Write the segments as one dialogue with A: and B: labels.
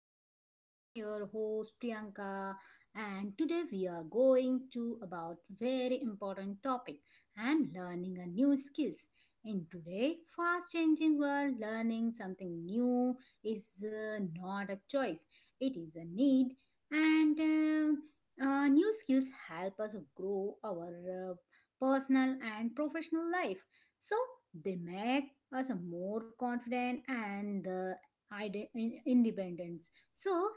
A: podcast. I am your host Priyanka and today we are going to about very important topic and learning a new skills. In today fast changing world, learning something new is not a choice. It is a need and new skills help us grow our uh, personal and professional life so they make us more confident and the independence. So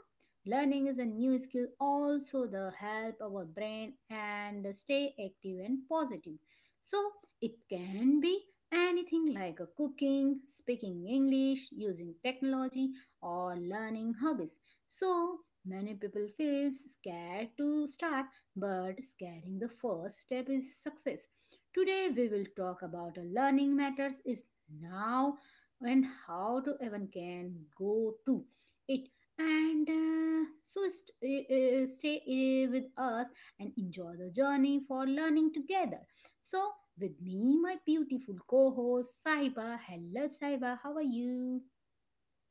A: learning is a new skill also the help our brain and stay active and positive. So it can be anything like a cooking, speaking English, using technology or learning hobbies. So many people feel scared to start but scaring the first step is success. Today we will talk about a learning matters is now and how to even can go to it and so stay with us and enjoy the journey for learning together. So with me my beautiful co-host Saiba. Hello Saiba, how are you?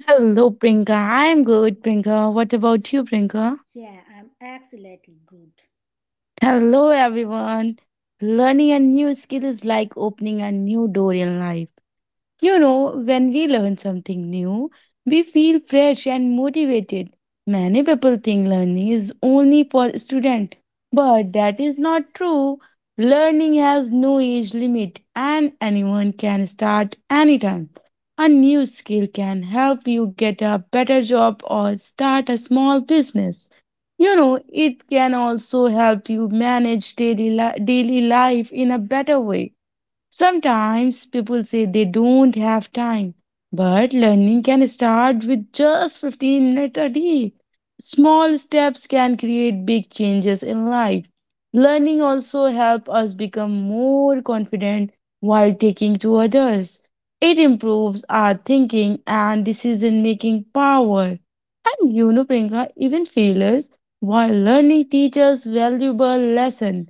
B: Hello, Prinka. I'm good, Prinka. What about you, Prinka?
A: Yeah, I'm excellently good.
B: Hello, everyone. Learning a new skill is like opening a new door in life. You know, when we learn something new, we feel fresh and motivated. Many people think learning is only for students, but that is not true. Learning has no age limit and anyone can start anytime. A new skill can help you get a better job or start a small business. You know, it can also help you manage daily life in a better way. Sometimes people say they don't have time, but learning can start with just 15 minutes a day. Small steps can create big changes in life. Learning also helps us become more confident while taking to others. It improves our thinking and decision making power. And you know, Priyanka, even failures while learning teaches valuable lesson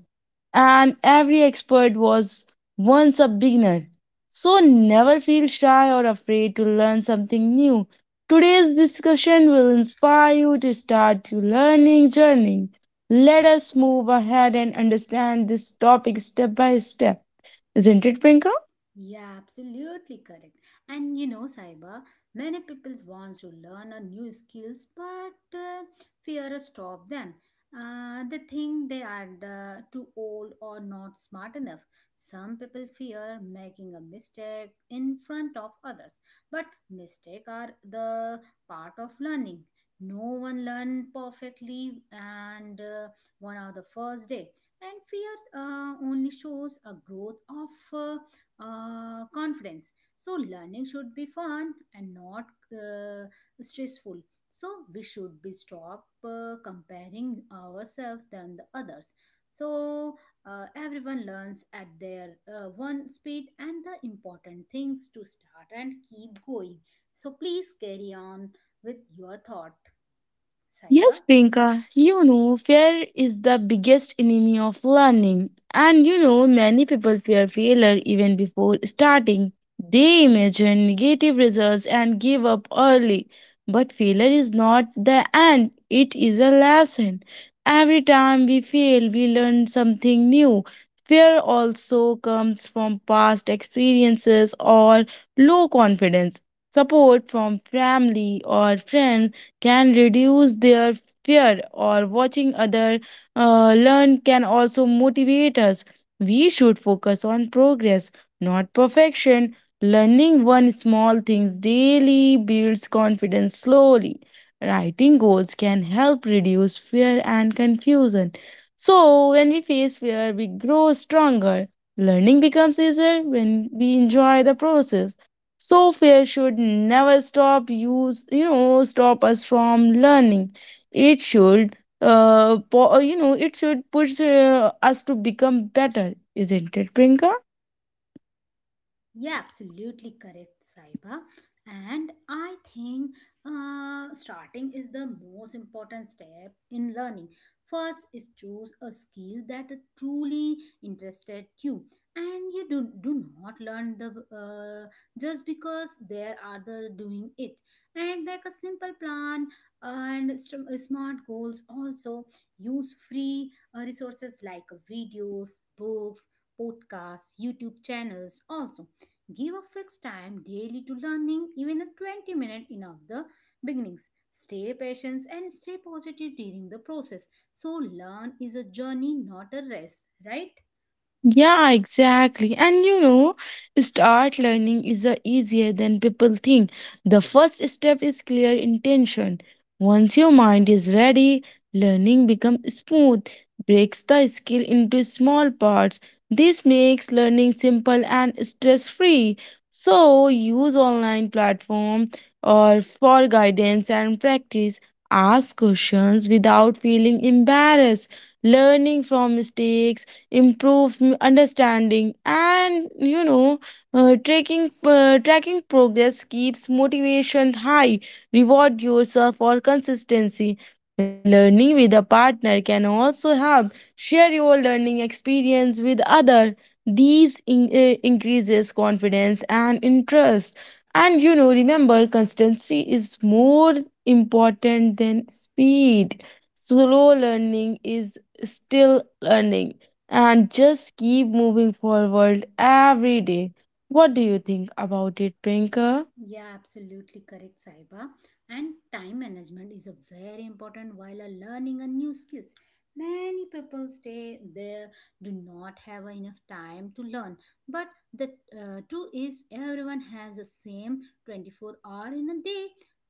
B: and every expert was once a beginner. So never feel shy or afraid to learn something new. Today's discussion will inspire you to start your learning journey. Let us move ahead and understand this topic step by step. Isn't it, Prinka?
A: Yeah, absolutely correct. And you know, Saiba, many people wants to learn a new skills, but fear stop them. They think they are too old or not smart enough. Some people fear making a mistake in front of others, but mistake are the part of learning. No one learn perfectly, and one of the first day. And fear only shows a growth of confidence. So, learning should be fun and not uh, stressful. So, we should be stop comparing ourselves than the others. So, everyone learns at their one speed and the important things to start and keep going. So, please carry on with your thought, Saiba.
B: Yes, Priyanka, you know, fear is the biggest enemy of learning. And you know, many people fear failure even before starting. They imagine negative results and give up early. But failure is not the end, it is a lesson. Every time we fail, we learn something new. Fear also comes from past experiences or low confidence, support from family or friends can reduce their fear or watching other learn can also motivate us. We should focus on progress, not perfection. Learning one small thing daily builds confidence slowly. Writing goals can help reduce fear and confusion. So when we face fear, we grow stronger. Learning becomes easier when we enjoy the process. So fear should never stop use, you know, stop us from learning. It should you know, it should push us to become better, isn't it, Prinka?
A: Yeah, absolutely correct, Saiba. And I think starting is the most important step in learning. First is choose a skill that truly interested you, and you do not learn the just because there are the doing it. And make a simple plan and smart goals. Also use free resources like videos, books, podcasts, YouTube channels. Also give a fixed time daily to learning, even a 20 minute in of the beginnings. Stay patient and stay positive during the process. So learn is a journey, not a race, right?
B: Yeah, exactly. And you know, start learning is a easier than people think. The first step is clear intention. Once your mind is ready, learning becomes smooth, breaks the skill into small parts. This makes learning simple and stress-free. So use online platform or for guidance and practice. Ask questions without feeling embarrassed. Learning from mistakes improves understanding, and you know, tracking progress keeps motivation high. Reward yourself for consistency. Learning with a partner can also help. Share your learning experience with other. These increases confidence and interest. And you know, remember, consistency is more important than speed. Slow learning is still learning, and just keep moving forward every day. What do you think about it, Prinka?
A: Yeah, absolutely correct, Saiba. And time management is a very important while learning a new skills. Many people stay there do not have enough time to learn. But the truth is, everyone has the same 24 hour in a day.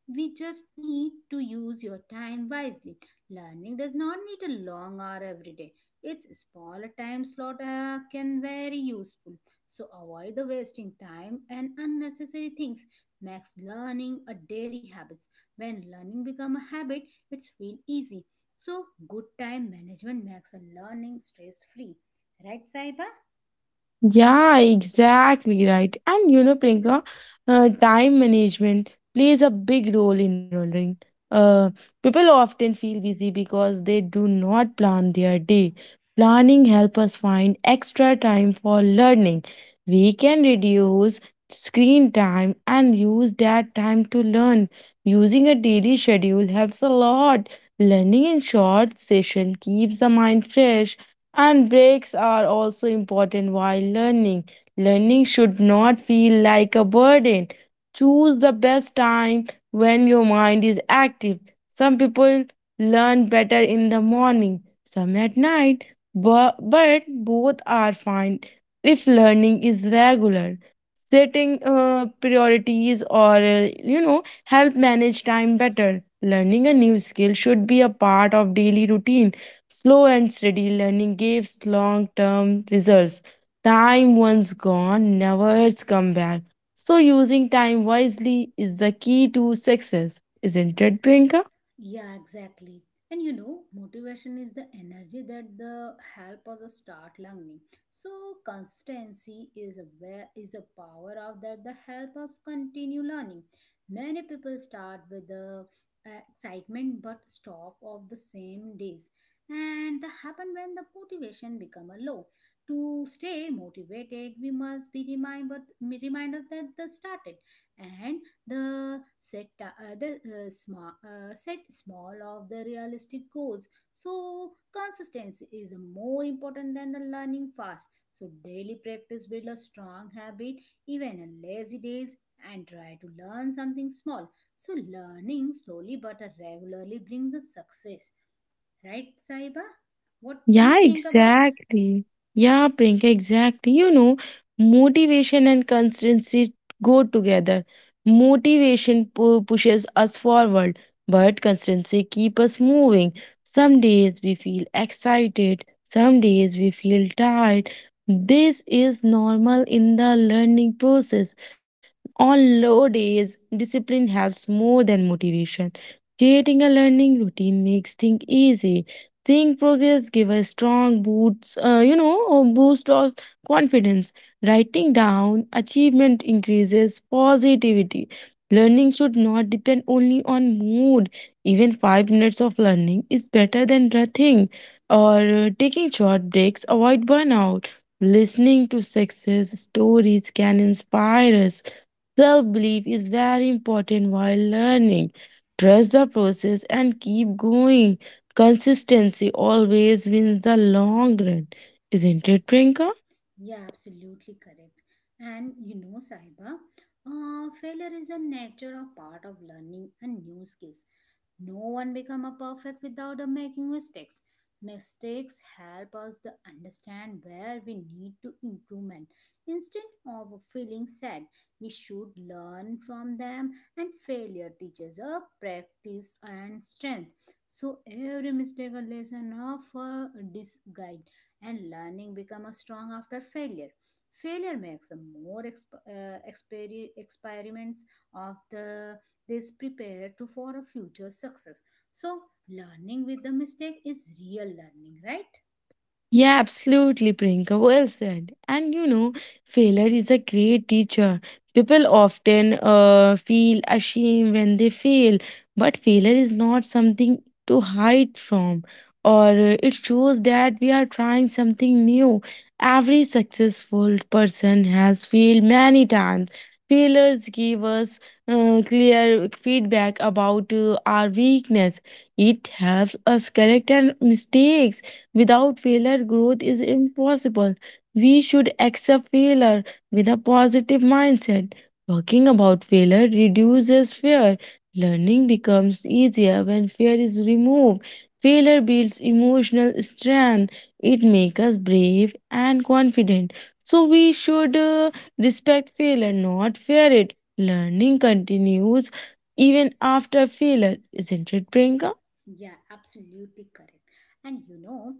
A: We just need to use your time wisely. Learning does not need a long hour every day. Its smaller time slot can very useful. So avoid the wasting time and unnecessary things makes learning a daily habit. When learning become a habit, it's feel easy. So good time management makes a learning stress free. Right, Saiba?
B: Yeah, exactly right. And you know, Priyanka, time management plays a big role in running. Uh, People often feel busy because they do not plan their day. Planning helps us find extra time for learning. We can reduce screen time and use that time to learn. Using a daily schedule helps a lot. Learning in short session keeps the mind fresh, and breaks are also important while learning. Learning should not feel like a burden. Choose the best time when your mind is active. Some people learn better in the morning, some at night, but both are fine if learning is regular. Setting priorities, or you know, help manage time better. Learning a new skill should be a part of daily routine. Slow and steady learning gives long term results. Time once gone never come back. So using time wisely is the key to success, isn't it, Priyanka?
A: Yeah, exactly. And you know, motivation is the energy that the help us start learning. So consistency is a where is a power of that the help us continue learning. Many people start with the excitement but stop of the same days. And that happen when the motivation become a low. To stay motivated, we must be reminded that the started and the set the small set small of the realistic goals. So consistency is more important than the learning fast. So daily practice build a strong habit, even on lazy days, and try to learn something small. So learning slowly but regularly brings the success. Right, Saiba? What do you
B: Yeah,
A: think about?
B: exactly. Yeah, Priyanka, exactly. You know, motivation and consistency go together. Pushes us forward, but consistency keeps us moving. Some days we feel excited, some days we feel tired. This is normal in the learning process. On low days, discipline helps more than motivation. Creating a learning routine makes things easy. Seeing progress give a strong boost, or boost of confidence. Writing down achievement increases positivity. Learning should not depend only on mood. Even 5 minutes of learning is better than nothing. Or Taking short breaks avoid burnout. Listening to success stories can inspire us. Self belief is very important while learning. Trust the process and keep going. Consistency always wins the long run. Isn't it, Prinka?
A: Yeah, absolutely correct. And you know, Saiba, failure is a natural part of learning and new skills. No one become a perfect without a making mistakes. Mistakes help us to understand where we need to improvement. Instead of feeling sad, we should learn from them and failure teaches us practice and strength. So every mistake a lesson of a disguide and learning become a strong after failure. Failure makes a more experiments of the this prepare to for a future success so learning with the mistake is real learning, right?
B: Yeah, absolutely, Priyanka. Well said. And you know, failure is a great teacher. People often feel ashamed when they fail, but failure is not something to hide from, or it shows that we are trying something new. Every successful person has failed many times. Failures give us clear feedback about our weakness. It helps us correct our mistakes. Without failure, growth is impossible. We should accept failure with a positive mindset. Talking about failure reduces fear. Learning becomes easier when fear is removed. Failure builds emotional strength. It makes us brave and confident. So we should respect failure, not fear it. Learning continues even after failure, isn't it, Priyanka?
A: Yeah, absolutely correct. And you know,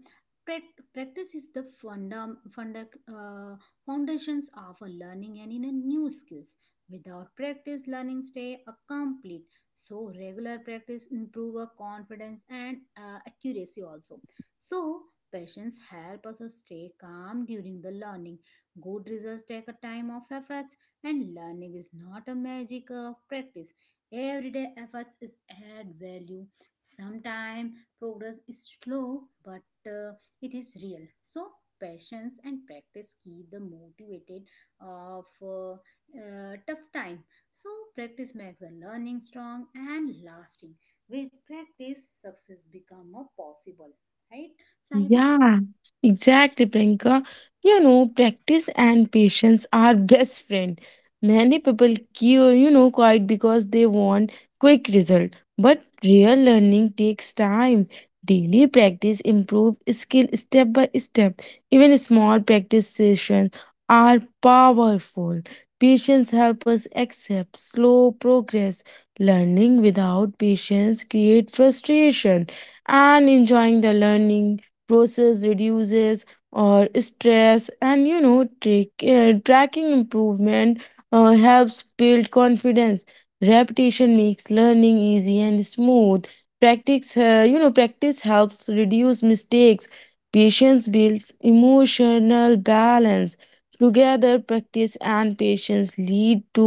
A: practice is the uh, foundations of a learning and in a new skills. Without practice, learning stay a complete. So regular practice improve our confidence and accuracy also. So patience help us to stay calm during the learning. Good results take a time of efforts, and learning is not a magic of practice. Everyday efforts is add value. Sometimes progress is slow, but it is real. So, patience and practice keep the motivated of tough time. So, practice makes the learning strong and lasting. With practice, success become a possible. Right, Saiba?
B: Yeah, exactly, Priyanka. You know, practice and patience are best friend. Many people, cure, you know, quite because they want quick result. But real learning takes time. Daily practice improve skill step by step. Even small practice sessions are powerful. Patience help us accept slow progress. Learning without patience create frustration, and enjoying the learning process reduces or stress. And you know, tracking improvement helps build confidence. Repetition makes learning easy and smooth. Practice you know Practice helps reduce mistakes. Patience builds emotional balance. Together, practice and patience lead to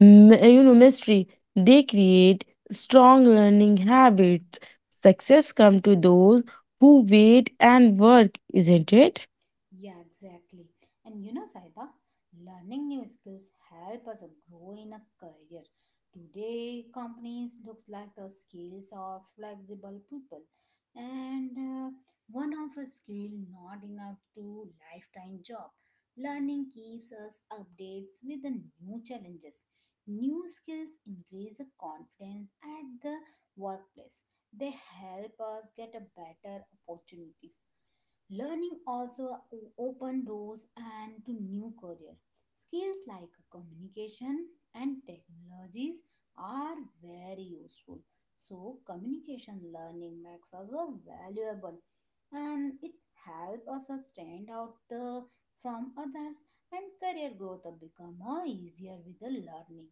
B: mastery. They create strong learning habits. Success come to those who wait and work, isn't it?
A: Yeah, exactly. And you know, Saiba, learning new skills help us grow in a career. Today, companies looks like the skills are flexible people, and one of a skill not enough to lifetime job. Learning keeps us updates with the new challenges. New skills increase the confidence at the workplace. They help us get a better opportunities. Learning also open doors and to new career. Skills like communication and technologies are very useful. So communication learning makes us a valuable and it helps us a stand out the, from others and career growth become a easier with the learning.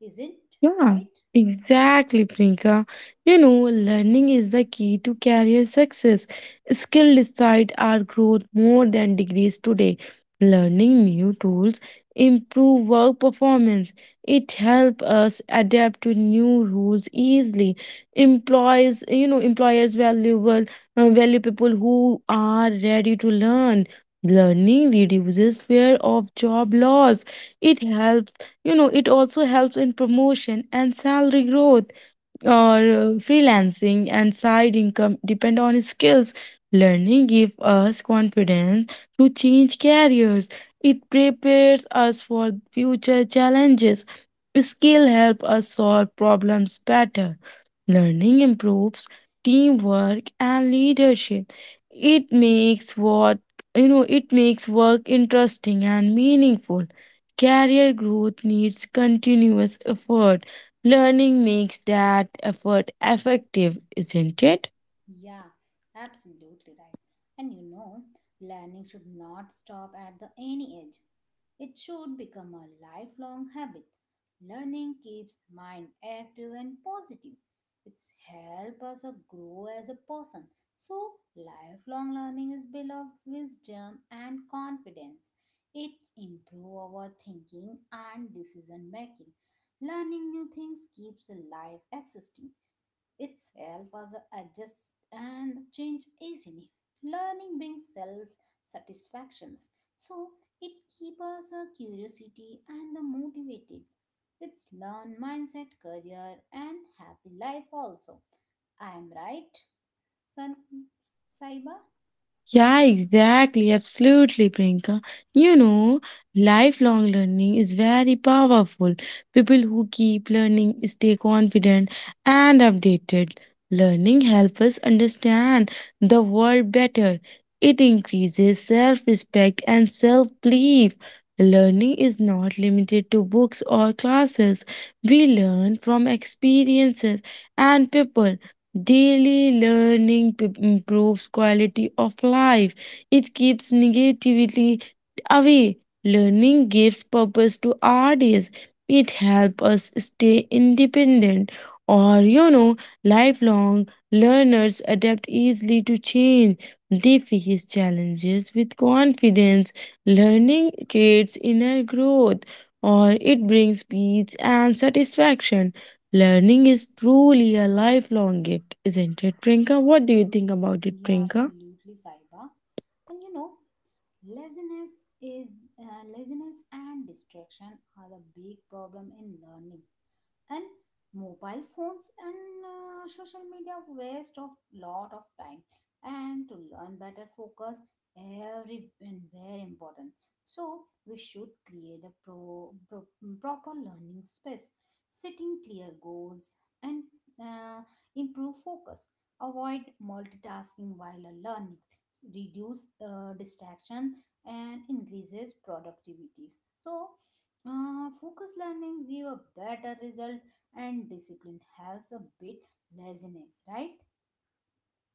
A: Isn't
B: Yeah,
A: right?
B: exactly, Priyanka. You know, learning is the key to career success. Skill decide our growth more than degrees today. Learning new tools improve work performance. It help us adapt to new rules easily. Employers valuable value people who are ready to learn. Learning reduces fear of job loss. It helps, you know, it also helps in promotion and salary growth, or freelancing and side income depend on skills. Learning gives us confidence to change careers. It prepares us for future challenges. Skill help us solve problems better. Learning improves teamwork and leadership. It makes what you know it makes work interesting and meaningful. Career growth needs continuous effort. Learning makes that effort effective, isn't it?
A: Yeah, absolutely right. And you know, learning should not stop at the any age. It should become a lifelong habit. Learning keeps mind active and positive. It's help us a grow as a person. So lifelong learning is built of wisdom and confidence. It improve our thinking and decision making. Learning new things keeps life existing itself as a adjust and change easily. Learning brings self satisfactions, so it keeps us a curiosity and the motivated. It's learn mindset, career, and happy life also. I am right, son Saiba?
B: Yeah, exactly. Absolutely, Priyanka. You know, lifelong learning is very powerful. People who keep learning stay confident and updated. Learning helps us understand the world better. It increases self respect and self belief. Learning is not limited to books or classes. We learn from experiences and people. Improves quality of life. It keeps negativity away. Learning gives purpose to our days. It helps us stay independent. Or, you know, lifelong learners adapt easily to change. They face challenges with confidence. Learning creates inner growth, or it brings peace and satisfaction. Learning is truly a lifelong gift, isn't it, Prinka? What do you think about it,
A: Yeah,
B: Prinka?
A: absolutely, Saiba. And you know, laziness is laziness and distraction are the big problem in learning. And mobile phones and social media waste of lot of time and to learn better focus every and very important so we should create a proper learning space setting clear goals and uh, improve focus avoid multitasking while learning reduce distraction and increases productivities. So focus learning give a better result and discipline helps a bit laziness, right?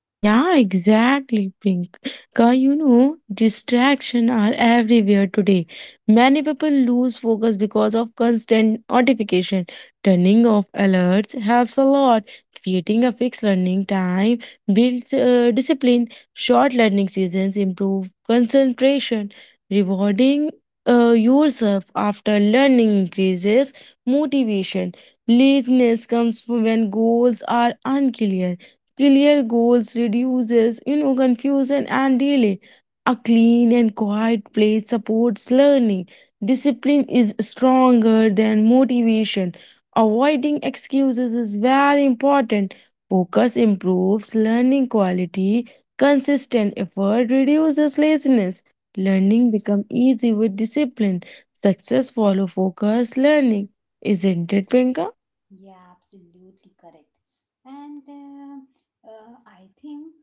B: Yeah, exactly, Pink. Because you know, distraction are everywhere today. Many people lose focus because of constant notification. Turning off alerts helps a lot. Creating a fixed learning time builds discipline. Short learning seasons improve concentration. Rewarding yourself after learning increases motivation. Laziness comes when goals are unclear. Clear goals reduces, you know, confusion and delay. A clean and quiet place supports learning. Discipline is stronger than motivation. Avoiding excuses is very important. Focus improves learning quality. Consistent effort reduces laziness. Learning becomes easy with discipline. Success follow focus learning. Isn't it, Priyanka?
A: Yeah, absolutely correct. And I think,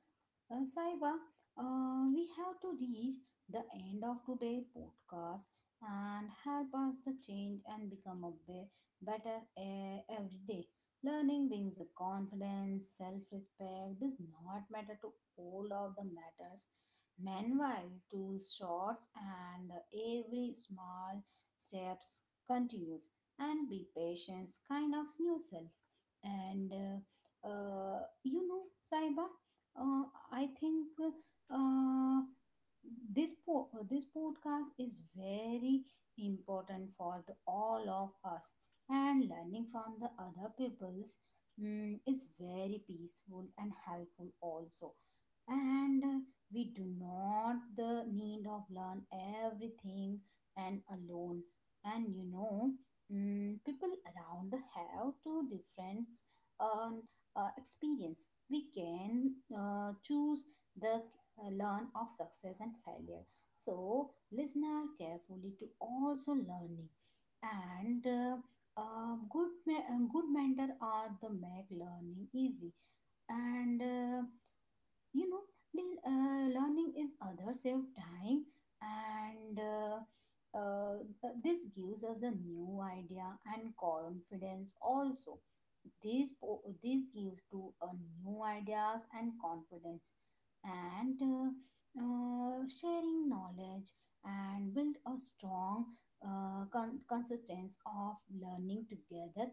A: Saiba, we have to reach the end of today's podcast and help us the change and become a better every day. Learning brings a confidence, self-respect. Does not matter to all of the matters. Meanwhile, to shorts and every small steps continues and be patient's kind of new self. And you know, Saiba, uh, I think uh, this this podcast is very important for the, all of us, and learning from the other people's mm, is very peaceful and helpful also and we do not the need of learn everything and alone and you know mm, people around the have two different um, experience we can choose the learn of success and failure so listener carefully to also learning and good mentor are the make learning easy and you know learning is other save time and uh, this gives us a new idea and confidence also this this gives to a new ideas and confidence and sharing knowledge and build a strong consistence of learning together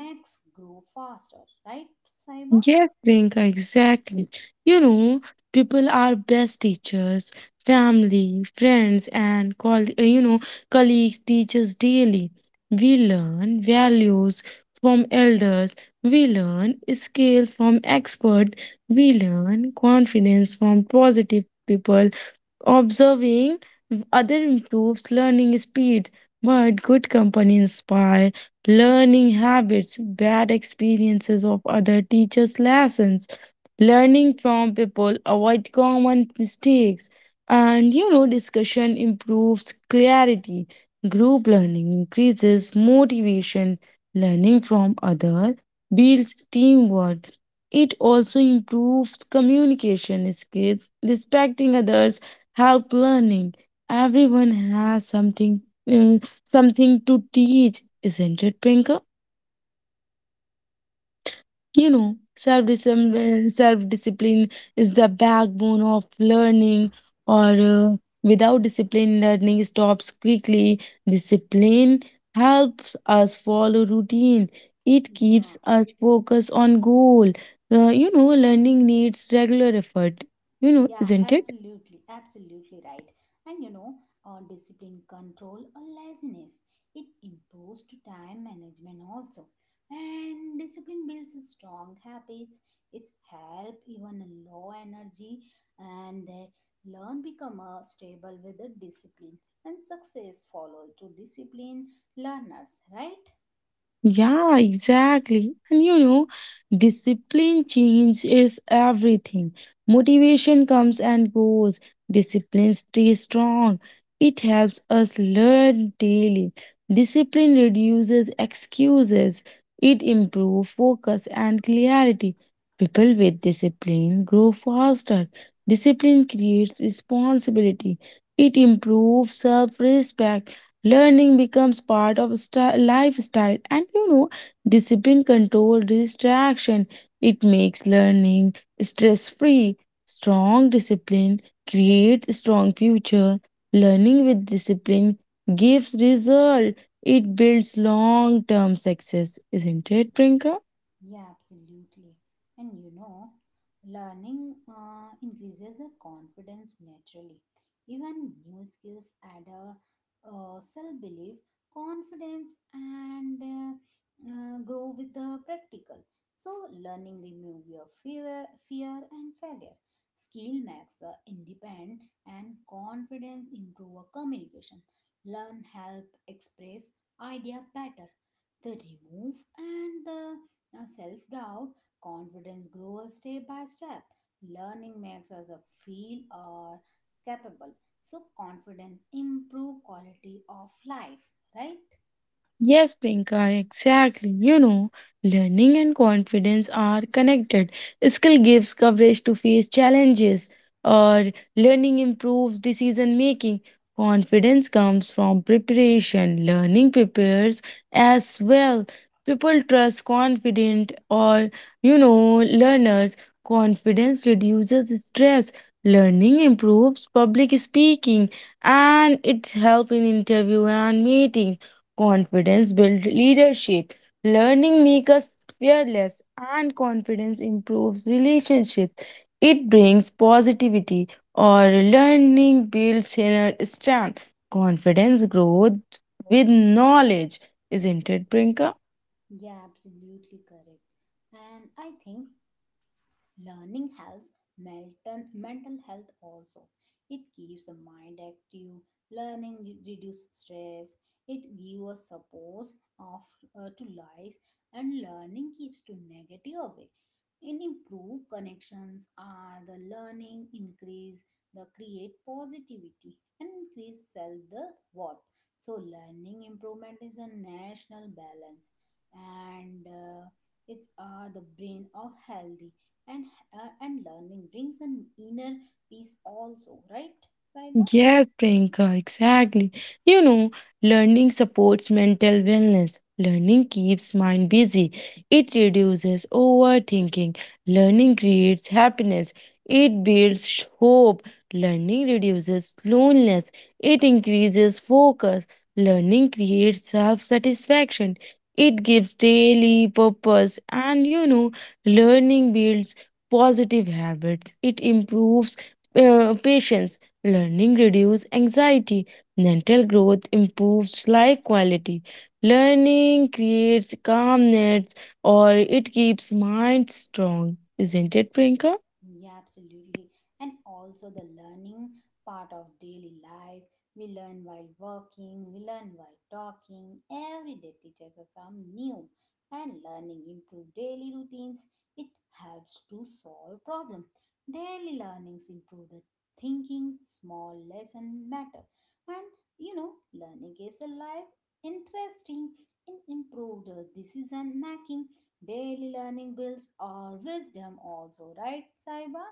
A: makes grow faster, right, Saiba?
B: Yeah, Priyanka, exactly. You know, people are best teachers, family, friends, and call you know colleagues teach us daily. We learn values from elders. We learn skill from expert. We learn confidence from positive people. Observing other improves learning speed, but good company inspire learning habits. Bad experiences of other teachers' lessons learning from people, avoid common mistakes, and you know, discussion improves clarity. Group learning increases motivation. Learning from other builds teamwork. It also improves communication skills. Respecting others help learning. Everyone has uh, something to teach, isn't it, Prinka? You know, self discipline is the backbone of learning, or without discipline, learning stops quickly. Discipline helps us follow routine, it keeps
A: Yeah,
B: us focused on goal. You know, learning needs regular effort, you know,
A: Yeah,
B: isn't it?
A: absolutely, absolutely right. And you know, discipline control or laziness, it improves to time management also. And discipline builds a strong habits. It's help even a low energy, and they learn become a stable with the discipline. And success follow to discipline learners, right?
B: Yeah, exactly. And you know, discipline change is everything. Motivation comes and goes. Discipline stays strong. It helps us learn daily. Discipline reduces excuses. It improves focus and clarity. People with discipline grow faster. Discipline creates responsibility. It improves self-respect. Learning becomes part of lifestyle, and you know, discipline control distraction. It makes learning stress free. Strong discipline creates strong future. Learning with discipline gives result. It builds long term success, isn't it, Prinka?
A: Yeah, absolutely. And you know, learning increases the confidence naturally. Even new skills add a self belief, confidence, and grow with the practical. So, learning remove your fear, fear and failure. Skill makes independent, and confidence improve our communication. Learn help express idea better the remove and the self doubt, confidence grows step by step. Learning makes us a feel or capable. So confidence improve quality of life, right?
B: Yes, Pinka, exactly. You know, learning and confidence are connected. Skill gives coverage to face challenges, or learning improves decision making. Confidence comes from preparation. Learning prepares as well. People trust confident or, learners. Confidence reduces stress. Learning improves public speaking and it's help in interview and meeting. Confidence builds leadership. Learning makes us fearless, and confidence improves relationships. It brings positivity, or learning builds inner strength. Confidence grows with knowledge, isn't it, Brinka?
A: Yeah, absolutely correct. And I think learning helps mental health also. It keeps the mind active. Learning reduces stress. It gives us support of to life, and learning keeps to negative away. In improve connections are the learning increase the create positivity and increase self the worth. So learning improvement is a national balance and it's are the brain of healthy and and learning brings an inner peace also, right, Saiba?
B: Yes, Priyanka, exactly. You know, learning supports mental wellness. Learning keeps mind busy. It reduces overthinking. Learning creates happiness. It builds hope. Learning reduces loneliness. It increases focus. Learning creates self satisfaction. It gives daily purpose. And learning builds positive habits. It improves patience. Learning reduces anxiety, mental growth improves life quality. Learning creates calmness or it keeps mind strong. Isn't it, Priyanka?
A: Yeah, absolutely. And also the learning part of daily life. We learn while working, we learn while talking. Every day teaches us some new. And learning improve daily routines. It helps to solve problem. Daily learnings improve the thinking, small lesson matter. And learning gives a life interesting and improved decision making. Daily learning builds our wisdom also, right, Saiba?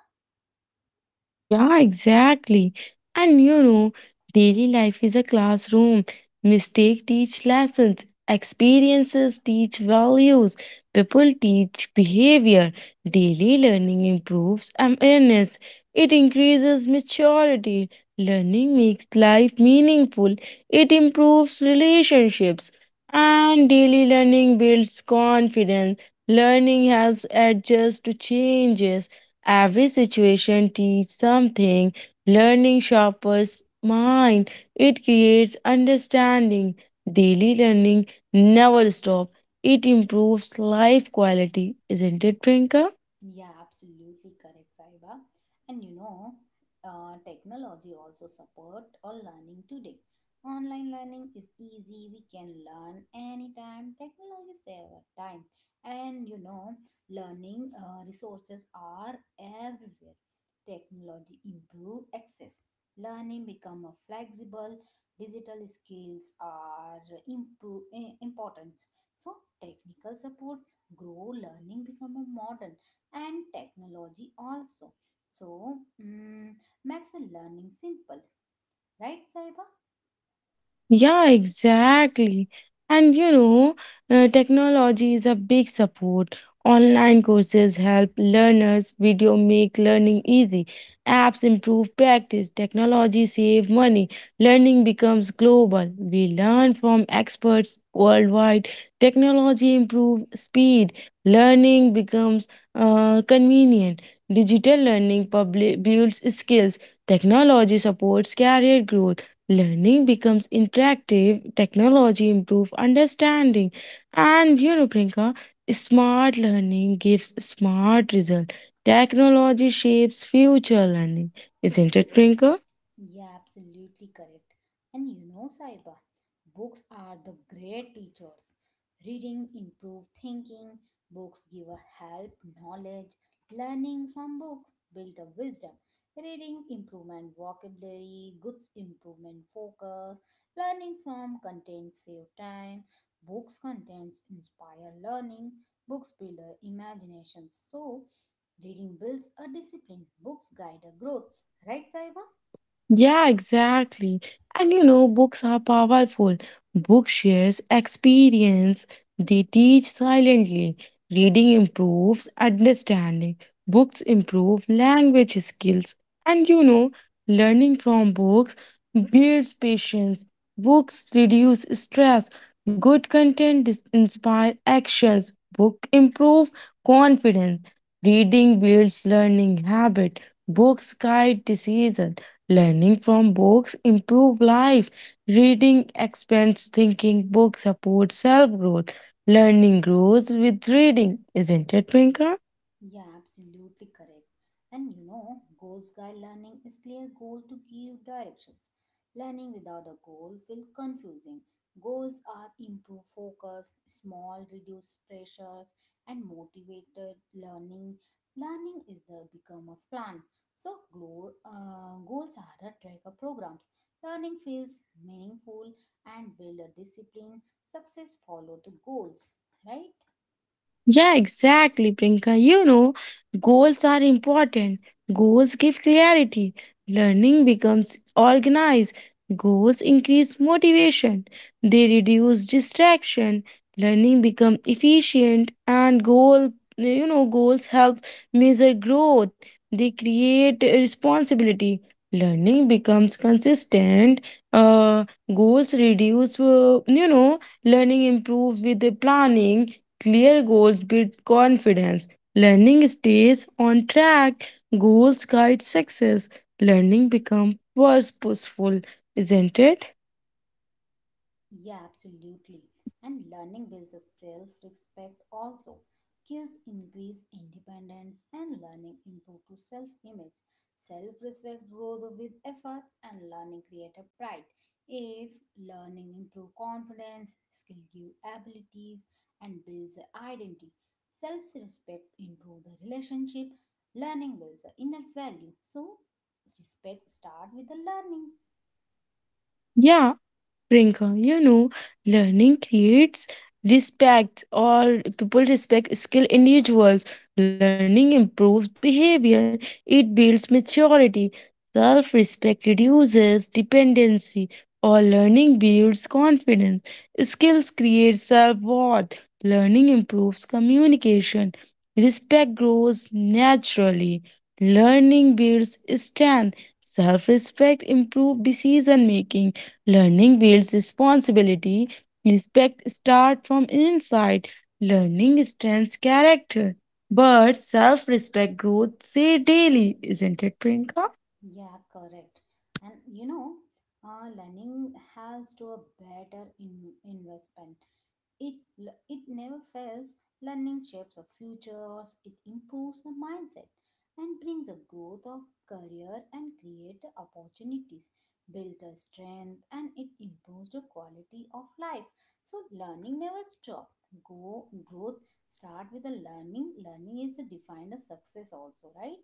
B: Yeah, exactly. And daily life is a classroom. Mistake teach lessons, experiences teach values, people teach behavior. Daily learning improves awareness. It increases maturity. Learning makes life meaningful. It improves relationships. And daily learning builds confidence. Learning helps adjust to changes. Every situation teaches something. Learning sharpens mind. It creates understanding. Daily learning never stops. It improves life quality, isn't it, Prinka?
A: Yeah, absolutely correct, Saiba. And technology also support our learning today. Online learning is easy. We can learn anytime. Technology save our time, and learning resources are everywhere. Technology improve access. Learning become more flexible. Digital skills are improve important. So technical supports grow. Learning become a modern and technology also so makes a learning simple, right, Saiba?
B: Yeah, exactly. And technology is a big support. Online courses help learners, video make learning easy, apps improve practice, technology save money. Learning becomes global. We learn from experts worldwide. Technology improve speed. Learning becomes convenient. Digital learning public builds skills. Technology supports career growth. Learning becomes interactive, technology improves understanding, and Prinka, smart learning gives smart result. Technology shapes future learning, isn't it, Prinka?
A: Yeah, absolutely correct. And you know, Saiba, books are the great teachers. Reading improve thinking, books give a help, knowledge, learning from books build a wisdom. Reading improvement vocabulary, goods improvement focus, learning from content save time, books contents inspire learning, books build a imagination. So reading builds a discipline, books guide a growth. Right, Saiba?
B: Yeah, exactly. And books are powerful. Book shares experience, they teach silently. Reading improves understanding. Books improve language skills. And learning from books builds patience. Books reduce stress. Good content inspire actions. Book improve confidence. Reading builds learning habit. Books guide decisions. Learning from books improve life. Reading expands thinking. Books support self growth. Learning grows with reading, isn't it, Prinka?
A: Yeah, absolutely correct. And you know, goals guide learning is clear goal to give directions. Learning without a goal feel confusing. Goals are improve focus, small reduce pressures, and motivated learning. Learning is the become of plan. So goals are a tracker programs. Learning feels meaningful and build a discipline. Success follow the goals, right?
B: Yeah, exactly, Prinka. Goals are important. Goals give clarity. Learning becomes organized. Goals increase motivation. They reduce distraction. Learning becomes efficient and goals help measure growth. They create responsibility. Learning becomes consistent. Uh, Goals reduce learning improves with the planning. Clear goals build confidence. Learning stays on track. Goals guide success. Learning becomes purposeful, isn't it?
A: Yeah, absolutely. And learning builds a self respect also. Skills increase independence and learning improve to self image. Self respect grows with efforts and learning create a pride. If learning improve confidence, skill give abilities and builds a identity. Self respect improve the relationship. Learning builds a inner value. So respect start with the learning.
B: Yeah. Priyanka, learning creates respect or people respect skilled individuals. Learning improves behavior, it builds maturity. Self respect reduces dependency, or learning builds confidence. Skills create self worth. Learning improves communication. Respect grows naturally. Learning builds strength. Self respect improves decision making. Learning builds responsibility. Respect starts from inside. Learning strengthens character. But self respect grows say daily, isn't it, Priyanka?
A: Yeah, correct. And learning has to a better investment. It never fails. Learning shapes of futures. It improves the mindset and brings a growth of career and create the opportunities, build a strength, and it improves the quality of life. So learning never stop. Go growth start with the learning. Learning is defined as success also, right?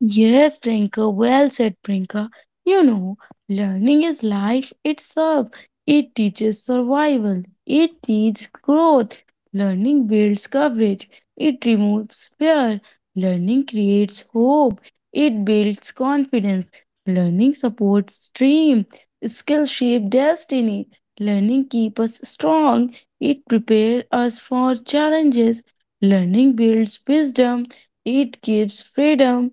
B: Yes, Priyanka, well said, Priyanka. You know, learning is life itself. It teaches survival, it teaches growth. Learning builds coverage, it removes fear. Learning creates hope, it builds confidence. Learning supports dream, skill shape destiny. Learning keeps us strong, it prepares us for challenges. Learning builds wisdom, it gives freedom.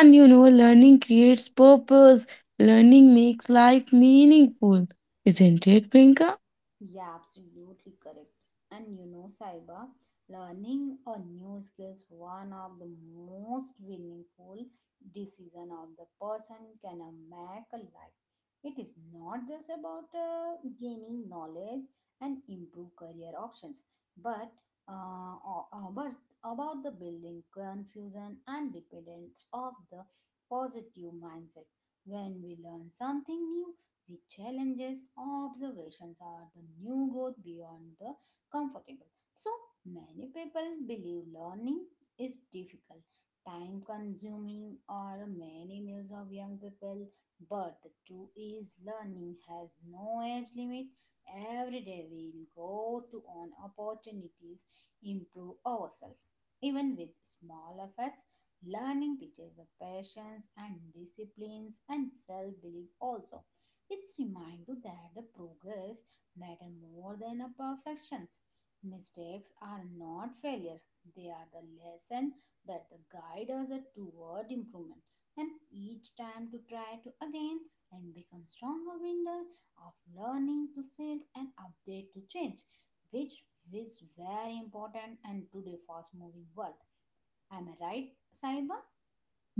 B: And learning creates purpose. Learning makes life meaningful. Isn't it, Pinka?
A: Yeah, absolutely correct. And you know, Saiba, learning a new skill is one of the most meaningful decision of the person can make a life. It is not just about gaining knowledge and improve career options, but uh, o- about about the building confusion and dependence of the positive mindset. When we learn something new, which challenges, observations are the new growth beyond the comfortable. So many people believe learning is difficult, time consuming, or many meals of young people. But the truth is, learning has no age limit. Every day we'll go to on opportunities, improve ourselves. Even with small efforts, learning teaches the patience and disciplines and self belief also. It's reminder that the progress matter more than a perfections. Mistakes are not failure. They are the lesson that the guide us a toward improvement. And each time to try to again and become stronger window of learning to self and update to change, which is very important and today fast moving world. Am I right, Saiba?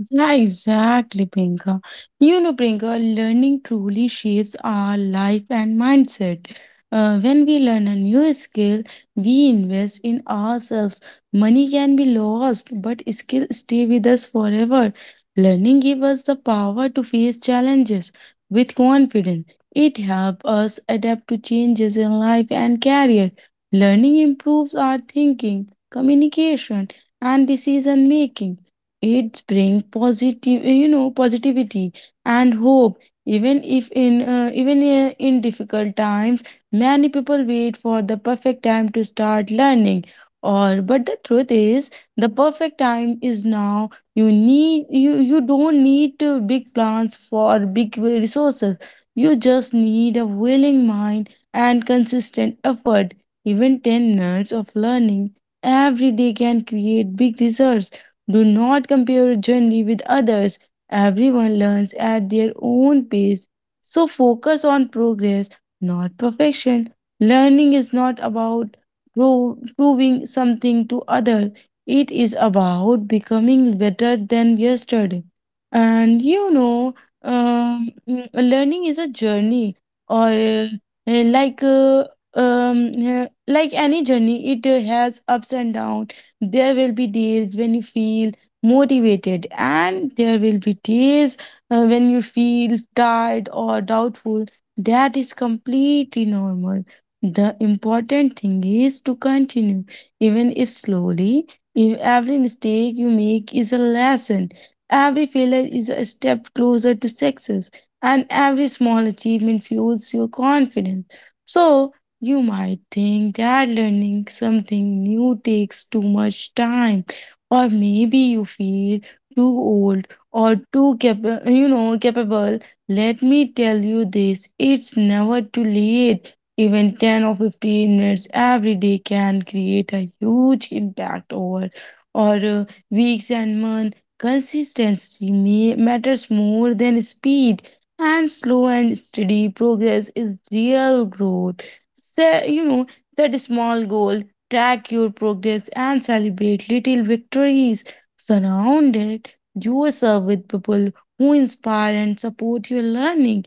B: Yeah, exactly, Priyanka. Priyanka, learning truly shapes our life and mindset. When we learn a new skill, we invest in ourselves. Money can be lost, but skill stay with us forever. Learning gives us the power to face challenges with confidence. It helps us adapt to changes in life and career. Learning improves our thinking, communication, and decision making. It brings positive, eh, you know, positivity and hope. Even if in even in difficult times, many people wait for the perfect time to start learning. Or but the truth is, the perfect time is now. You don't need big plans for big resources. You just need a willing mind and consistent effort. Even 10 minutes of learning every day can create big results. Do not compare your journey with others. Everyone learns at their own pace. So focus on progress, not perfection. Learning is not about proving something to others. It is about becoming better than yesterday. And learning is a journey, or uh, like uh, like any journey, it has ups and downs. There will be days when you feel motivated, and there will be days when you feel tired or doubtful. That is completely normal. The important thing is to continue, even if slowly. If every mistake you make is a lesson, every failure is a step closer to success, and every small achievement fuels your confidence. So, you might think that learning something new takes too much time, or maybe you feel too old or too capable. Let me tell you this: it's never too late. Even 10 or 15 minutes every day can create a huge impact over or weeks and months. Consistency matters more than speed, and slow and steady progress is real growth. Set, you know, set a small goal, track your progress, and celebrate little victories. Surround it yourself with people who inspire and support your learning.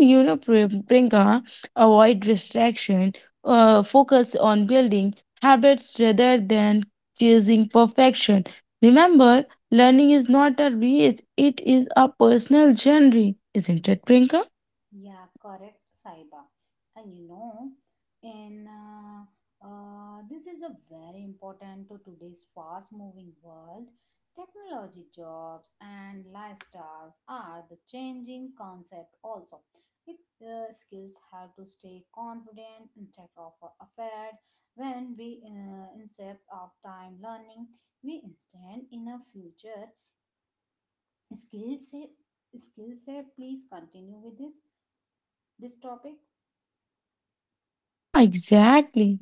B: And, Priyanka, avoid distraction. Focus on building habits rather than chasing perfection. Remember, learning is not a race; it is a personal journey, isn't it, Priyanka?
A: Yeah, correct, Saiba. And you know, in this is a very important to today's fast-moving world. Technology jobs and lifestyles are the changing concept also. Its skills have to stay confident instead of afraid. When we instead of time learning, we instead in a future skill set. Skill set. Please continue with this topic.
B: Yeah, exactly.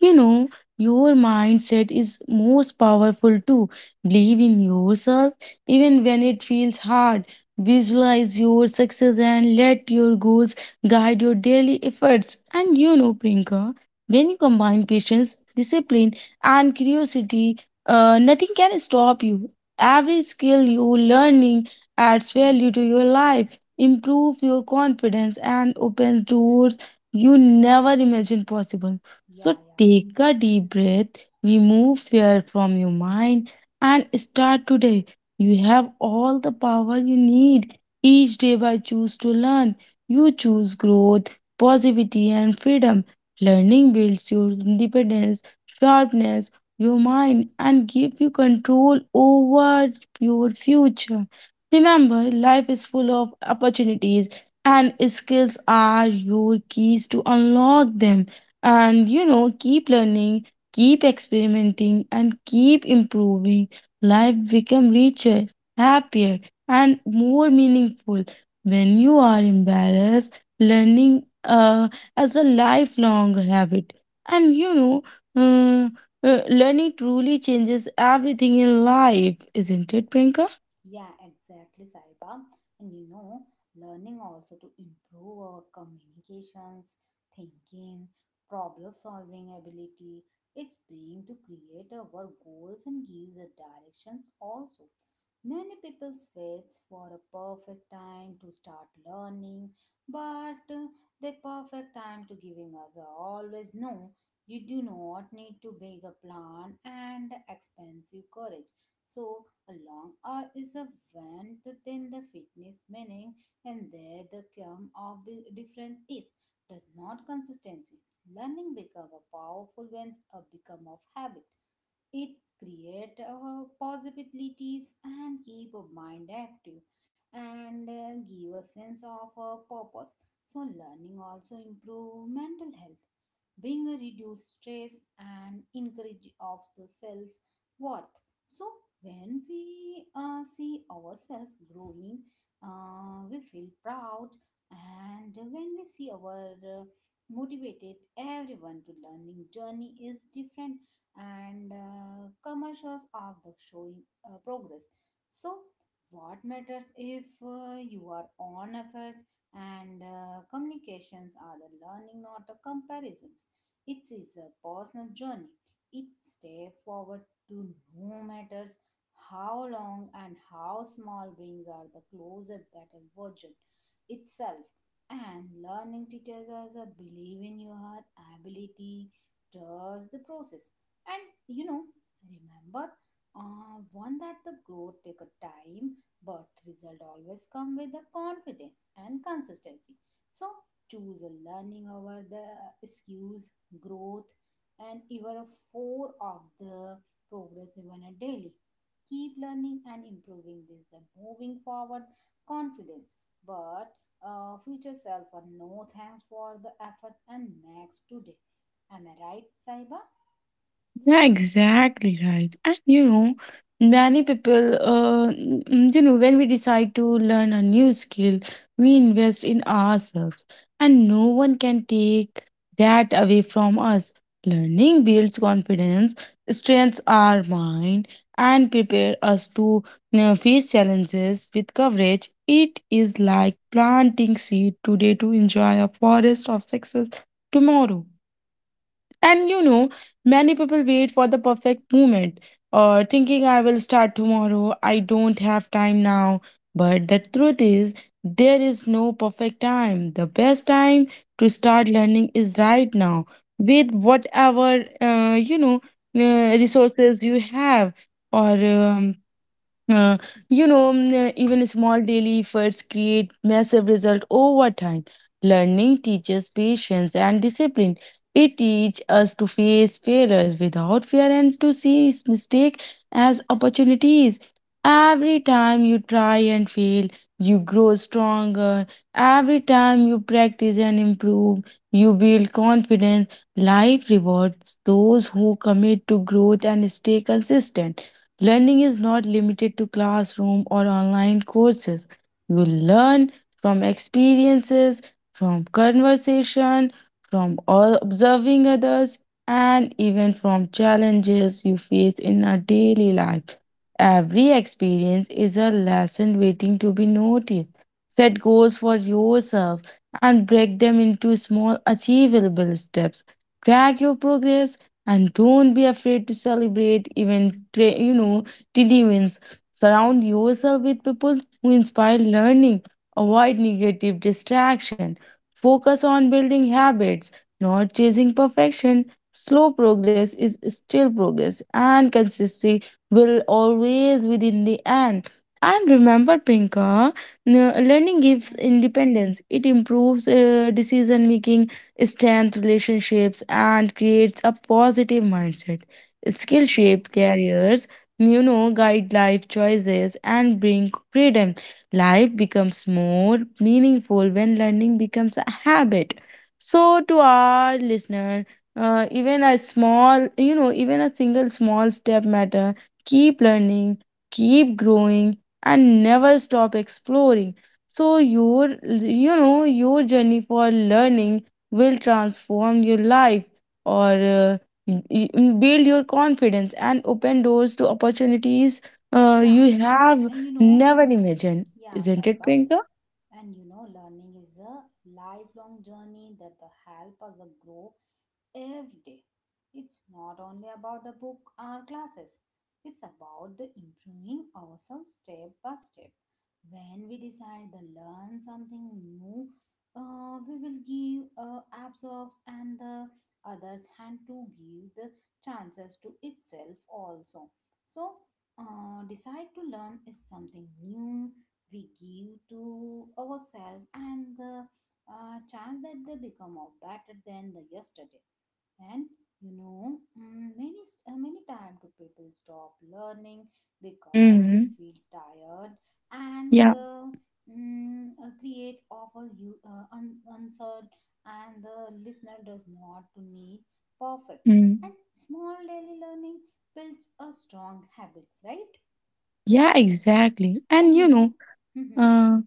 B: You know, your mindset is most powerful too. Believe in yourself even when it feels hard. Visualize your success and let your goals guide your daily efforts. And Prinka, when you combine patience, discipline, and curiosity, nothing can stop you. Every skill you're learning adds value
A: Hmm.
B: to your life, improve your confidence, and opens doors you never imagined possible.
A: Yeah,
B: So
A: yeah.
B: take a deep breath, remove fear from your mind, and start today. You have all the power you need. Each day, by choose to learn, you choose growth, positivity, and freedom. Learning builds your independence, sharpness, your mind, and give you control over your future. Remember, life is full of opportunities, and skills are your keys to unlock them. And keep learning, keep experimenting, and keep improving. Life become richer, happier, and more meaningful when you are embarrassed learning as a lifelong habit. And uh, learning truly changes everything in life, isn't it, Prinka?
A: Yeah, exactly, Saiba. And you know, learning also to improve our communications, thinking, problem solving ability. It's being to create our goals and gives a directions also. Many people waits for a perfect time to start learning, but the perfect time to giving us a always no. You do not need to make a plan and expensive courage. So along or is a when then the fitness meaning and there the come of the difference if does not consistency learning become a powerful when a become of habit. It create possibilities and keep our mind active and give a sense of purpose. So learning also improve mental health, bring a reduced stress and encourage of the self worth. So when we see ourselves growing, we feel proud and when we see our motivated everyone to learning journey is different and commercials of the showing progress. So what matters if you are on efforts and communications are the learning not the comparisons. It is a personal journey, it step forward to, no matters how long and how small brings are the closer better version itself. And learning teaches us a believe in your ability, trust the process, and remember one that the growth take a time, but result always come with the confidence and consistency. So choose a learning over the excuse, growth, and even a four of the progress even a daily. Keep learning and improving this the moving forward confidence. But future self a no thanks for the effort and max today. Am I right, Saiba?
B: Yeah, exactly right. And many people, when we decide to learn a new skill, we invest in ourselves, and no one can take that away from us. Learning builds confidence, strengthens our mind, and prepare us to face challenges with courage. It is like planting seed today to enjoy a forest of success tomorrow. And many people wait for the perfect moment or thinking I will start tomorrow, I don't have time now. But the truth is, there is no perfect time. The best time to start learning is right now with whatever,
A: Hmm.
B: resources you have. Or
A: Yeah.
B: uh, you know, mm, Even small daily efforts create massive result over time. Learning teaches patience and discipline. It teaches us to face failures without fear and to see mistake as opportunities. Every time you try and fail, you grow stronger. Every time you practice and improve, you build confidence. Life rewards those who commit to growth and stay consistent. Learning is not limited to classroom or online courses. You learn from experiences, from conversation, from all observing others, and even from challenges you face in our daily life. Every experience is a lesson waiting to be noticed. Set goals for yourself and break them into small achievable steps. Track your progress and don't be afraid to celebrate even tiny wins. Surround
A: Hmm.
B: yourself with people who inspire learning, avoid negative distraction, focus on building habits, not chasing perfection. Slow progress is still progress, and consistency will always within the end. And remember, Pinka, learning gives
A: Mm-hmm.
B: independence. It improves decision making, strength relationships, and creates a positive mindset. Skill
A: Yeah.
B: shape careers, guide life choices and bring freedom. Life becomes more meaningful when learning becomes a habit. So to our listener, even a small, even a single small step matter. Keep learning, keep growing, and never stop exploring. So your, your journey for learning will transform your life, or uh, y- build your confidence and open doors to opportunities
A: Yeah.
B: you have
A: And
B: never imagined.
A: yeah,
B: Isn't it,
A: Saiba.
B: Priyanka?
A: And you know, learning is a lifelong journey that the help us grow every day. It's not only about the book or classes, it's about the improving ourselves step by step. When we decide to learn something new, we will give ourselves and the others hand to give the chances to itself also. So, decide to learn is something new we give to ourselves and the chance that they become a better than the yesterday. And many many time do people stop learning because they
B: Hmm.
A: feel tired, and
B: Yeah.
A: the create offer you answered, and the listener does not to need perfect.
B: Mm.
A: And small daily learning builds a strong habits, right?
B: Yeah, exactly. And
A: And you know, mm-hmm,
B: Uh,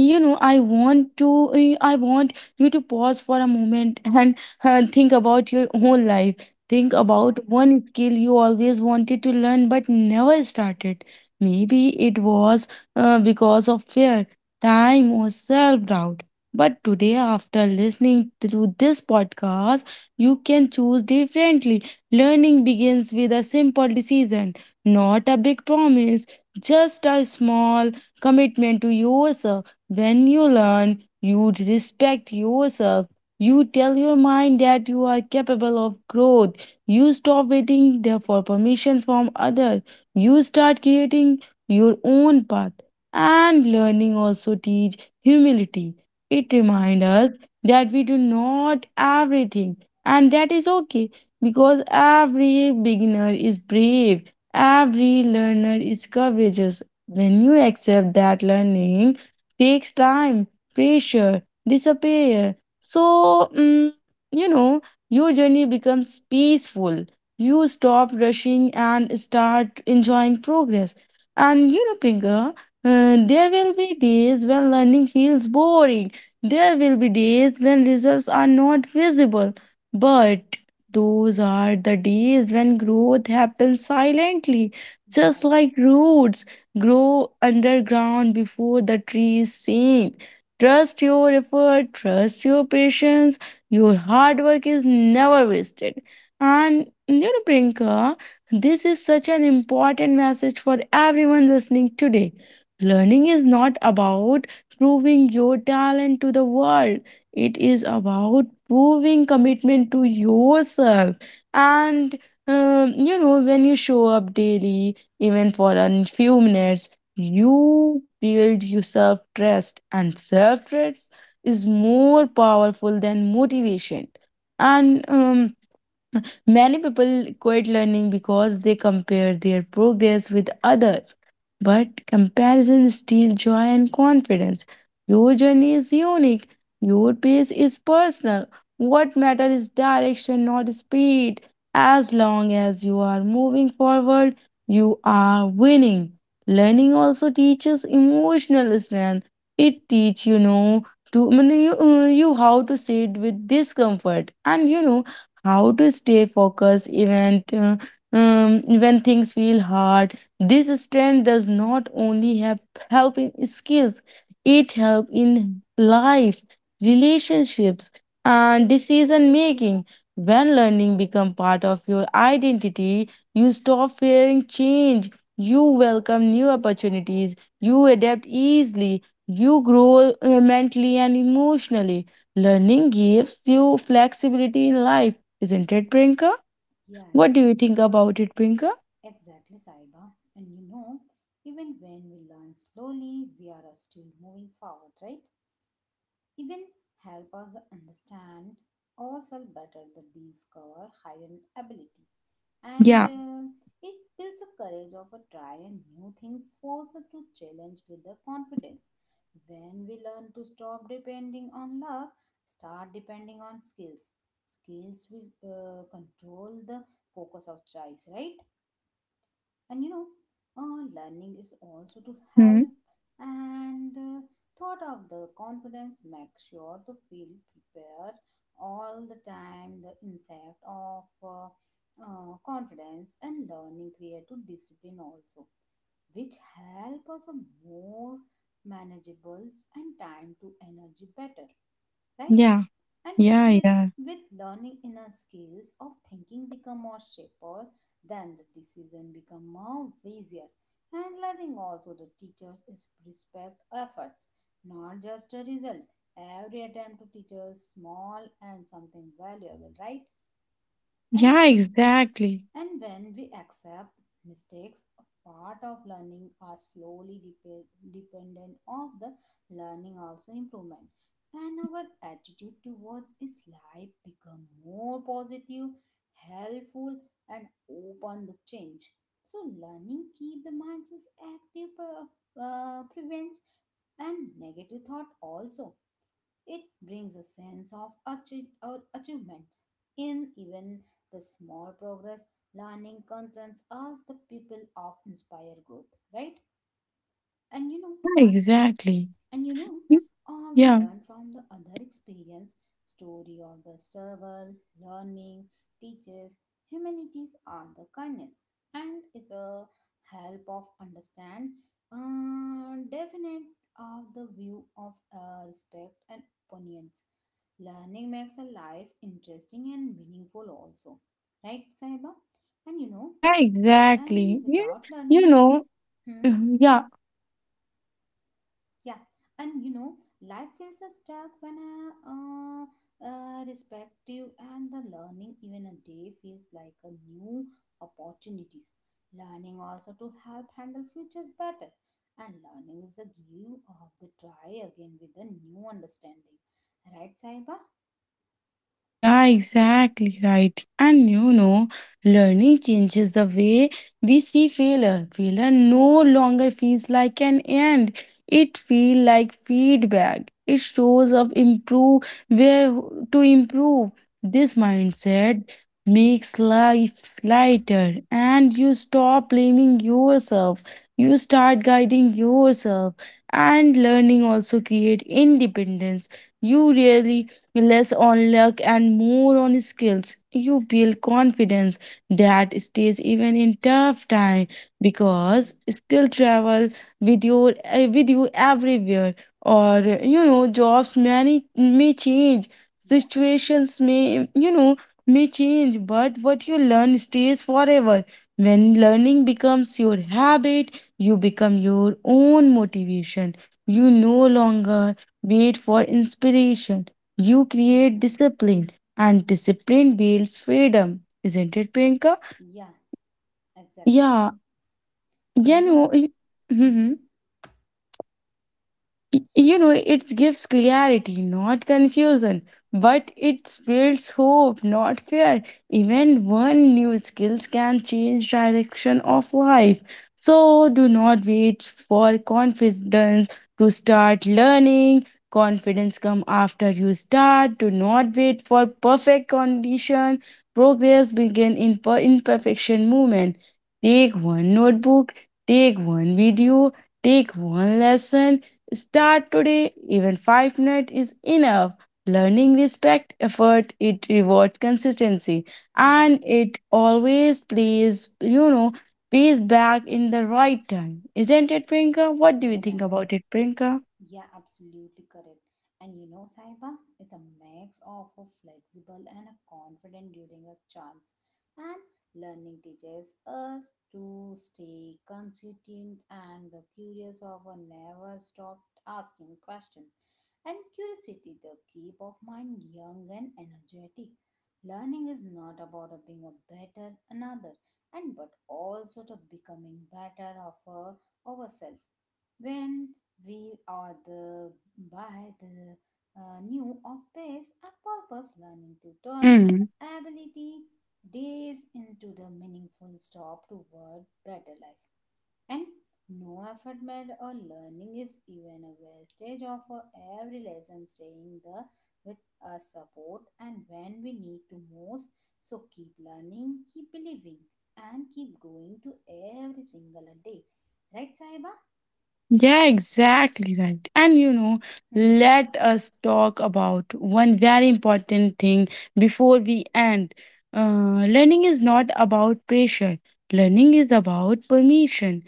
B: I want to. I want you to pause for a moment and think about your own life. Think
A: mm-hmm, yeah,
B: about one skill you always wanted to learn but never started. Maybe it was because of fear, time, or self doubt. But today, after listening to this podcast, you can choose differently. Learning begins with a simple decision, not a big promise, just a small commitment to yourself. When you learn, you respect yourself. You tell your mind that you are capable of growth. You stop waiting there for permission from others. You start creating your own path. And learning also teach humility. It reminds
A: hmm,
B: us that we do not everything, and that is okay, because every beginner is brave, every learner is courageous. When you accept that learning takes time, pressure, disappear. So, you know, your journey becomes peaceful. You stop rushing and start enjoying progress. And you know, Pinker, there will be days when learning feels boring. There will be days when results are not visible. But those are the days when growth happens silently,
A: yeah,
B: just
A: yeah,
B: like roots grow underground before the trees sink. Trust your effort, trust your patience. Your hard work is never wasted. And you know, Priyanka, this is such an important message for everyone listening today. Learning is not about proving your talent to the world, it is about proving commitment to yourself. And when you show up daily, even for a few minutes, you build yourself trust, and self trust is more powerful than motivation. And many people quit learning because they compare their progress with others. But comparison steals joy and confidence. Your journey is unique. Your pace is personal. What matters is direction, not speed. As long as you are moving forward, you are winning. Learning also teaches emotional strength. It teaches, you know, to I mean, you, you how to sit with discomfort, and you know how to stay focused even when things feel hard. This strength does not only have help in skills, it help in life, relationships, and decision making. When learning become part of your identity, you stop fearing change. You welcome new opportunities. You adapt easily. You grow mentally and emotionally. Learning gives you flexibility in life, isn't it, Priyanka?
A: yeah,
B: What do you
A: exactly,
B: think
A: Sai.
B: about it, Priyanka?
A: Exactly, Saiba. And you know, even when we learn slowly, we are still moving forward, right? Even help us understand ourselves better, the discover hidden ability. And
B: Yeah.
A: it builds a courage of a try and new things, force us to challenge with the confidence. When we learn to stop depending on luck, start depending on skills. Skills will control the focus of choice, right? And you know, learning is also to
B: Hmm.
A: help and thought of the confidence make sure to feel prepared all the time the insect of confidence and learning create to discipline also which help us a more manageables and time to energy better, right?
B: Yeah.
A: And
B: Yeah.
A: with
B: Yeah.
A: with learning inner skills of thinking become more shaper, then the decision become more easier. And learning also the teachers is respect efforts, not just a result. Every attempt to teach us small and something valuable, right? And
B: Yeah, exactly.
A: and when we accept mistakes, a part of learning are slowly dependent of the learning also improvement. And our attitude towards is life become more positive, helpful, and open the change. So learning keep the minds is active, prevents and negative thought also. It brings a sense of achi- or achievements in even the small progress. Learning concerns us the people of inspire growth, right? And you know,
B: Yeah, exactly.
A: and
B: Y-
A: we
B: Yeah.
A: learn from the other experience, story of the struggle, learning, teaches, humanities are the kindness, and it's a help of understand, definite of the view of respect and opinions. Learning makes a life interesting and meaningful also, right, Saiba? And you know,
B: Yeah, exactly.
A: and
B: You,
A: without
B: you
A: learning,
B: know.
A: hmm?
B: Yeah.
A: Yeah, and you know, life feels a stuck when a respective and the learning even a day feels like a new opportunities. Learning also to help handle futures better, and learning is a give of the try again with a new understanding, right, Saiba?
B: Yeah, exactly right. And you know, learning changes the way we see failure. Failure no longer feels like an end. It feels like feedback. It shows up improve where to improve. This mindset makes life lighter, and you stop blaming yourself. You start guiding yourself, and learning also create independence. You really less on luck and more on skills. You build confidence that stays even in tough time,
A: Hmm.
B: because skill travel with your with you everywhere. Or you know, jobs many may change,
A: Yeah.
B: situations may, you know, may change, but what you learn stays forever. When learning becomes your habit, you become your own motivation. You no longer wait for inspiration, you create
A: Hmm.
B: discipline, and discipline builds freedom, isn't it, Priyanka?
A: Yeah. Exactly.
B: Yeah,
A: And
B: you
A: you know.
B: know,
A: Hmm.
B: Mhm. You know, it gives clarity not confusion, but it builds hope not fear. Even one new skills can change direction of life. So do not wait for confidence to start learning. Confidence come after you start. Do not wait for perfect condition. Progress begin in imperfection movement. Take one notebook, take one video, take one lesson. Start today, even 5 minutes is enough. Learning respect effort, it rewards consistency, and
A: Hmm.
B: it always pays back in the right time. Isn't it, Prinka? What do you think
A: Yeah.
B: about it, Prinka?
A: Yeah, absolutely correct. And you know, Saiba, it's a mix of a flexible and a confident during a chance. And learning teaches us to stay consistent and the curious of a never stop asking questions. And curiosity, the keep of mind young and energetic. Learning is not about a being a better another, and but also to becoming better of a ourselves when we are the by the new of pace and purpose learning to turn
B: Hmm.
A: ability days into the meaningful stop toward better life and no effort made or learning is even a wastage of every lesson staying the with a support and when we need to most. So keep learning, keep believing, and keep going to every single day, right, Saiba?
B: Yeah, exactly right. And you
A: Y-
B: know,
A: Hı hı.
B: let us talk about one very important thing before we end. Learning is not about pressure, learning is about permission.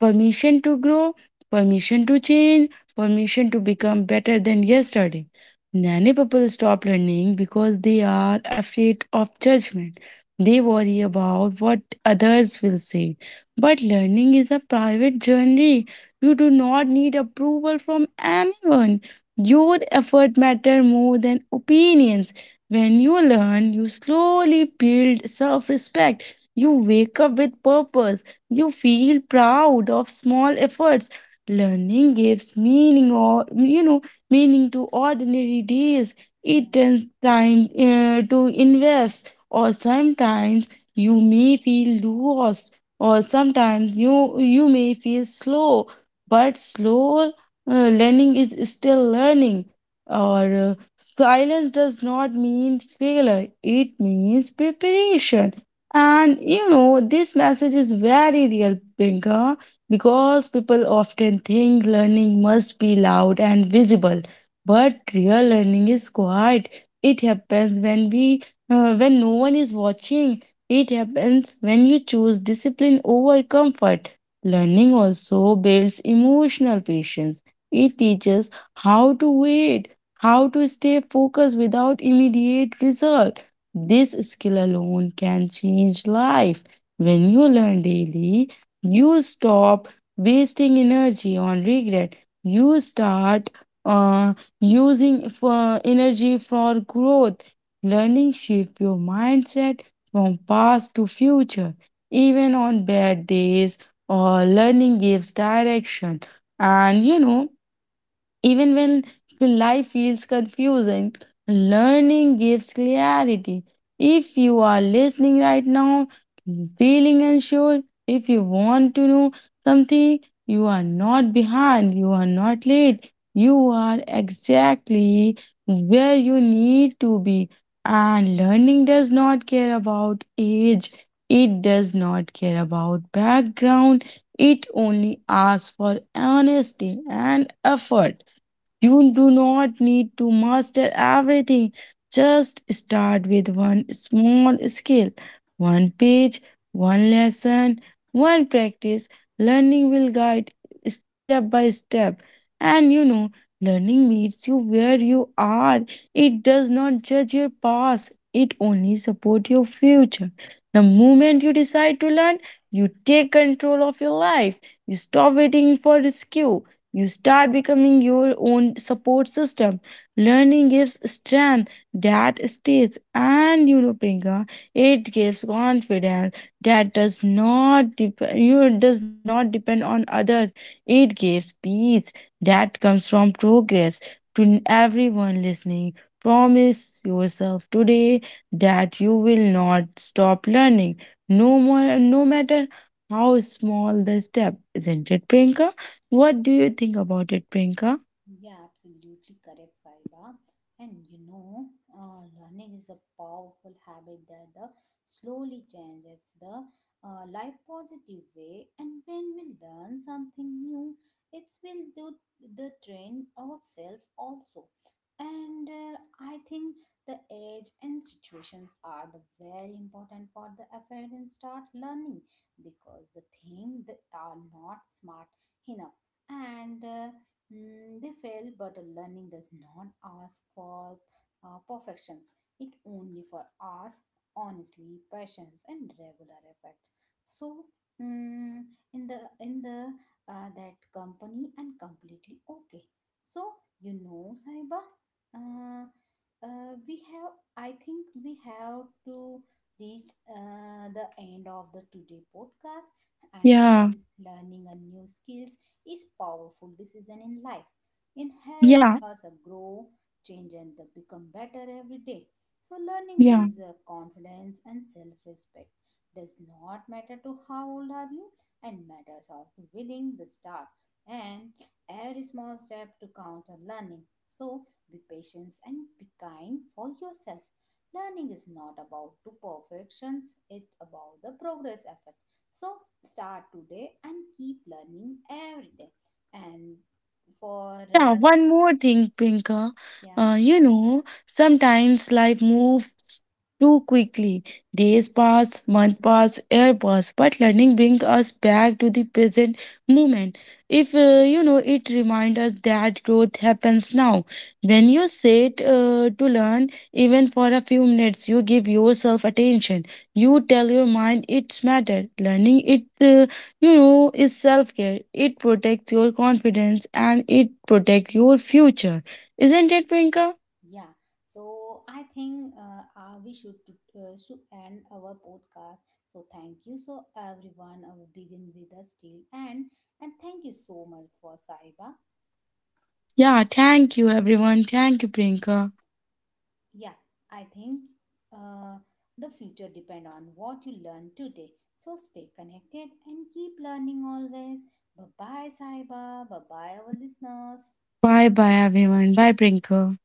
B: Permission to grow, permission to change, permission to become better than yesterday. Many people stop learning because they are afraid of judgment. They worry about what others will say. But learning is a private journey, you do not need approval from anyone. Your effort matter more than opinions. When you learn, you slowly build self-respect. You wake up with purpose. You feel proud of small efforts. Learning gives meaning, or you know meaning to ordinary days. It
A: Hıı.
B: turns time to invest. Or sometimes you may feel lost, or sometimes you may feel slow, but slow learning is still learning. Or silence does not mean failure, it means preparation. And you know, this message is very real, Pinka, because people often think learning must be loud and visible, but real learning is quiet. It happens when we, when no one is watching. It happens when you choose discipline over comfort. Learning also builds emotional patience. It teaches how to wait, how to stay focused without immediate result. This skill alone can change life. When you learn daily, you stop wasting energy on regret. You start uh, using for energy for growth. Learning shifts your mindset from past to future. Even on bad days, or learning gives direction. And you know, even when life feels confusing, learning gives clarity. If you are listening right now, feeling unsure, if you want to know something, you are not behind, you are not late, you are exactly where you need to be. And learning does not care about age, it does not care about background, it only asks for honesty and effort. You do not need to master everything. Just start with one small skill, one page, one lesson, one practice. Learning will guide step by step. And you know, learning meets you where you are. It does not judge your past, it only supports your future. The moment you decide to learn, you take control of your life. You stop waiting for rescue, you start becoming your own support system. Learning gives strength that stays, and you know, Priyanka, it gives confidence that does not depend. You know, does not depend on others. It gives peace that comes from progress. To everyone listening, promise yourself today that you will not stop learning. No more, no matter how small the step, isn't it, Priyanka? What do you think about it, Priyanka?
A: Yeah, absolutely correct, Saiba. And learning is a powerful habit that the slowly change if the life positive way. And when we learn something new, it will do the train ourselves also. And I think the age and situations are the very important for the effort and start learning because the thing that are not smart enough and. They fail, but learning does not ask for perfections. It only for us, honestly, patience, and regular effort. So, mm, in the that company and completely okay. So you know, Saiba, uh, we have. I think we have to reach the end of the today podcast and
B: Yeah,
A: learning a new skills is powerful decision in life. It helps
B: yeah,
A: us grow, change and become better every day. So learning
B: yeah.
A: builds confidence and self-respect. Does not matter to how old are you and matters how to willing the start and every small step to count on learning. So be patient and be kind for yourself. Learning is not about to perfections, it's about the progress effort. So start today and keep learning every day and for
B: Yeah, one more thing, Priyanka.
A: yeah,
B: You know, sometimes life moves too quickly. Days pass, month pass, year pass, but learning brings us back to the present moment. If, You know, it reminds us that growth happens now. When you sit to learn, even for a few minutes, you give yourself attention. You tell your mind it's matter. Learning it You know, is self care. It protects your confidence and it protects your future. Isn't it, Prinka?
A: yeah. So I think we should end our podcast. So thank you so everyone begin with us till end and thank you so much for Saiba.
B: Yeah, thank you, everyone. Thank you, Prinka.
A: Yeah, I think uh, the future depend on what you learn today, so stay connected and keep learning always. Bye bye, Saiba, bye bye our listeners.
B: Bye bye, everyone. Bye, Prinka.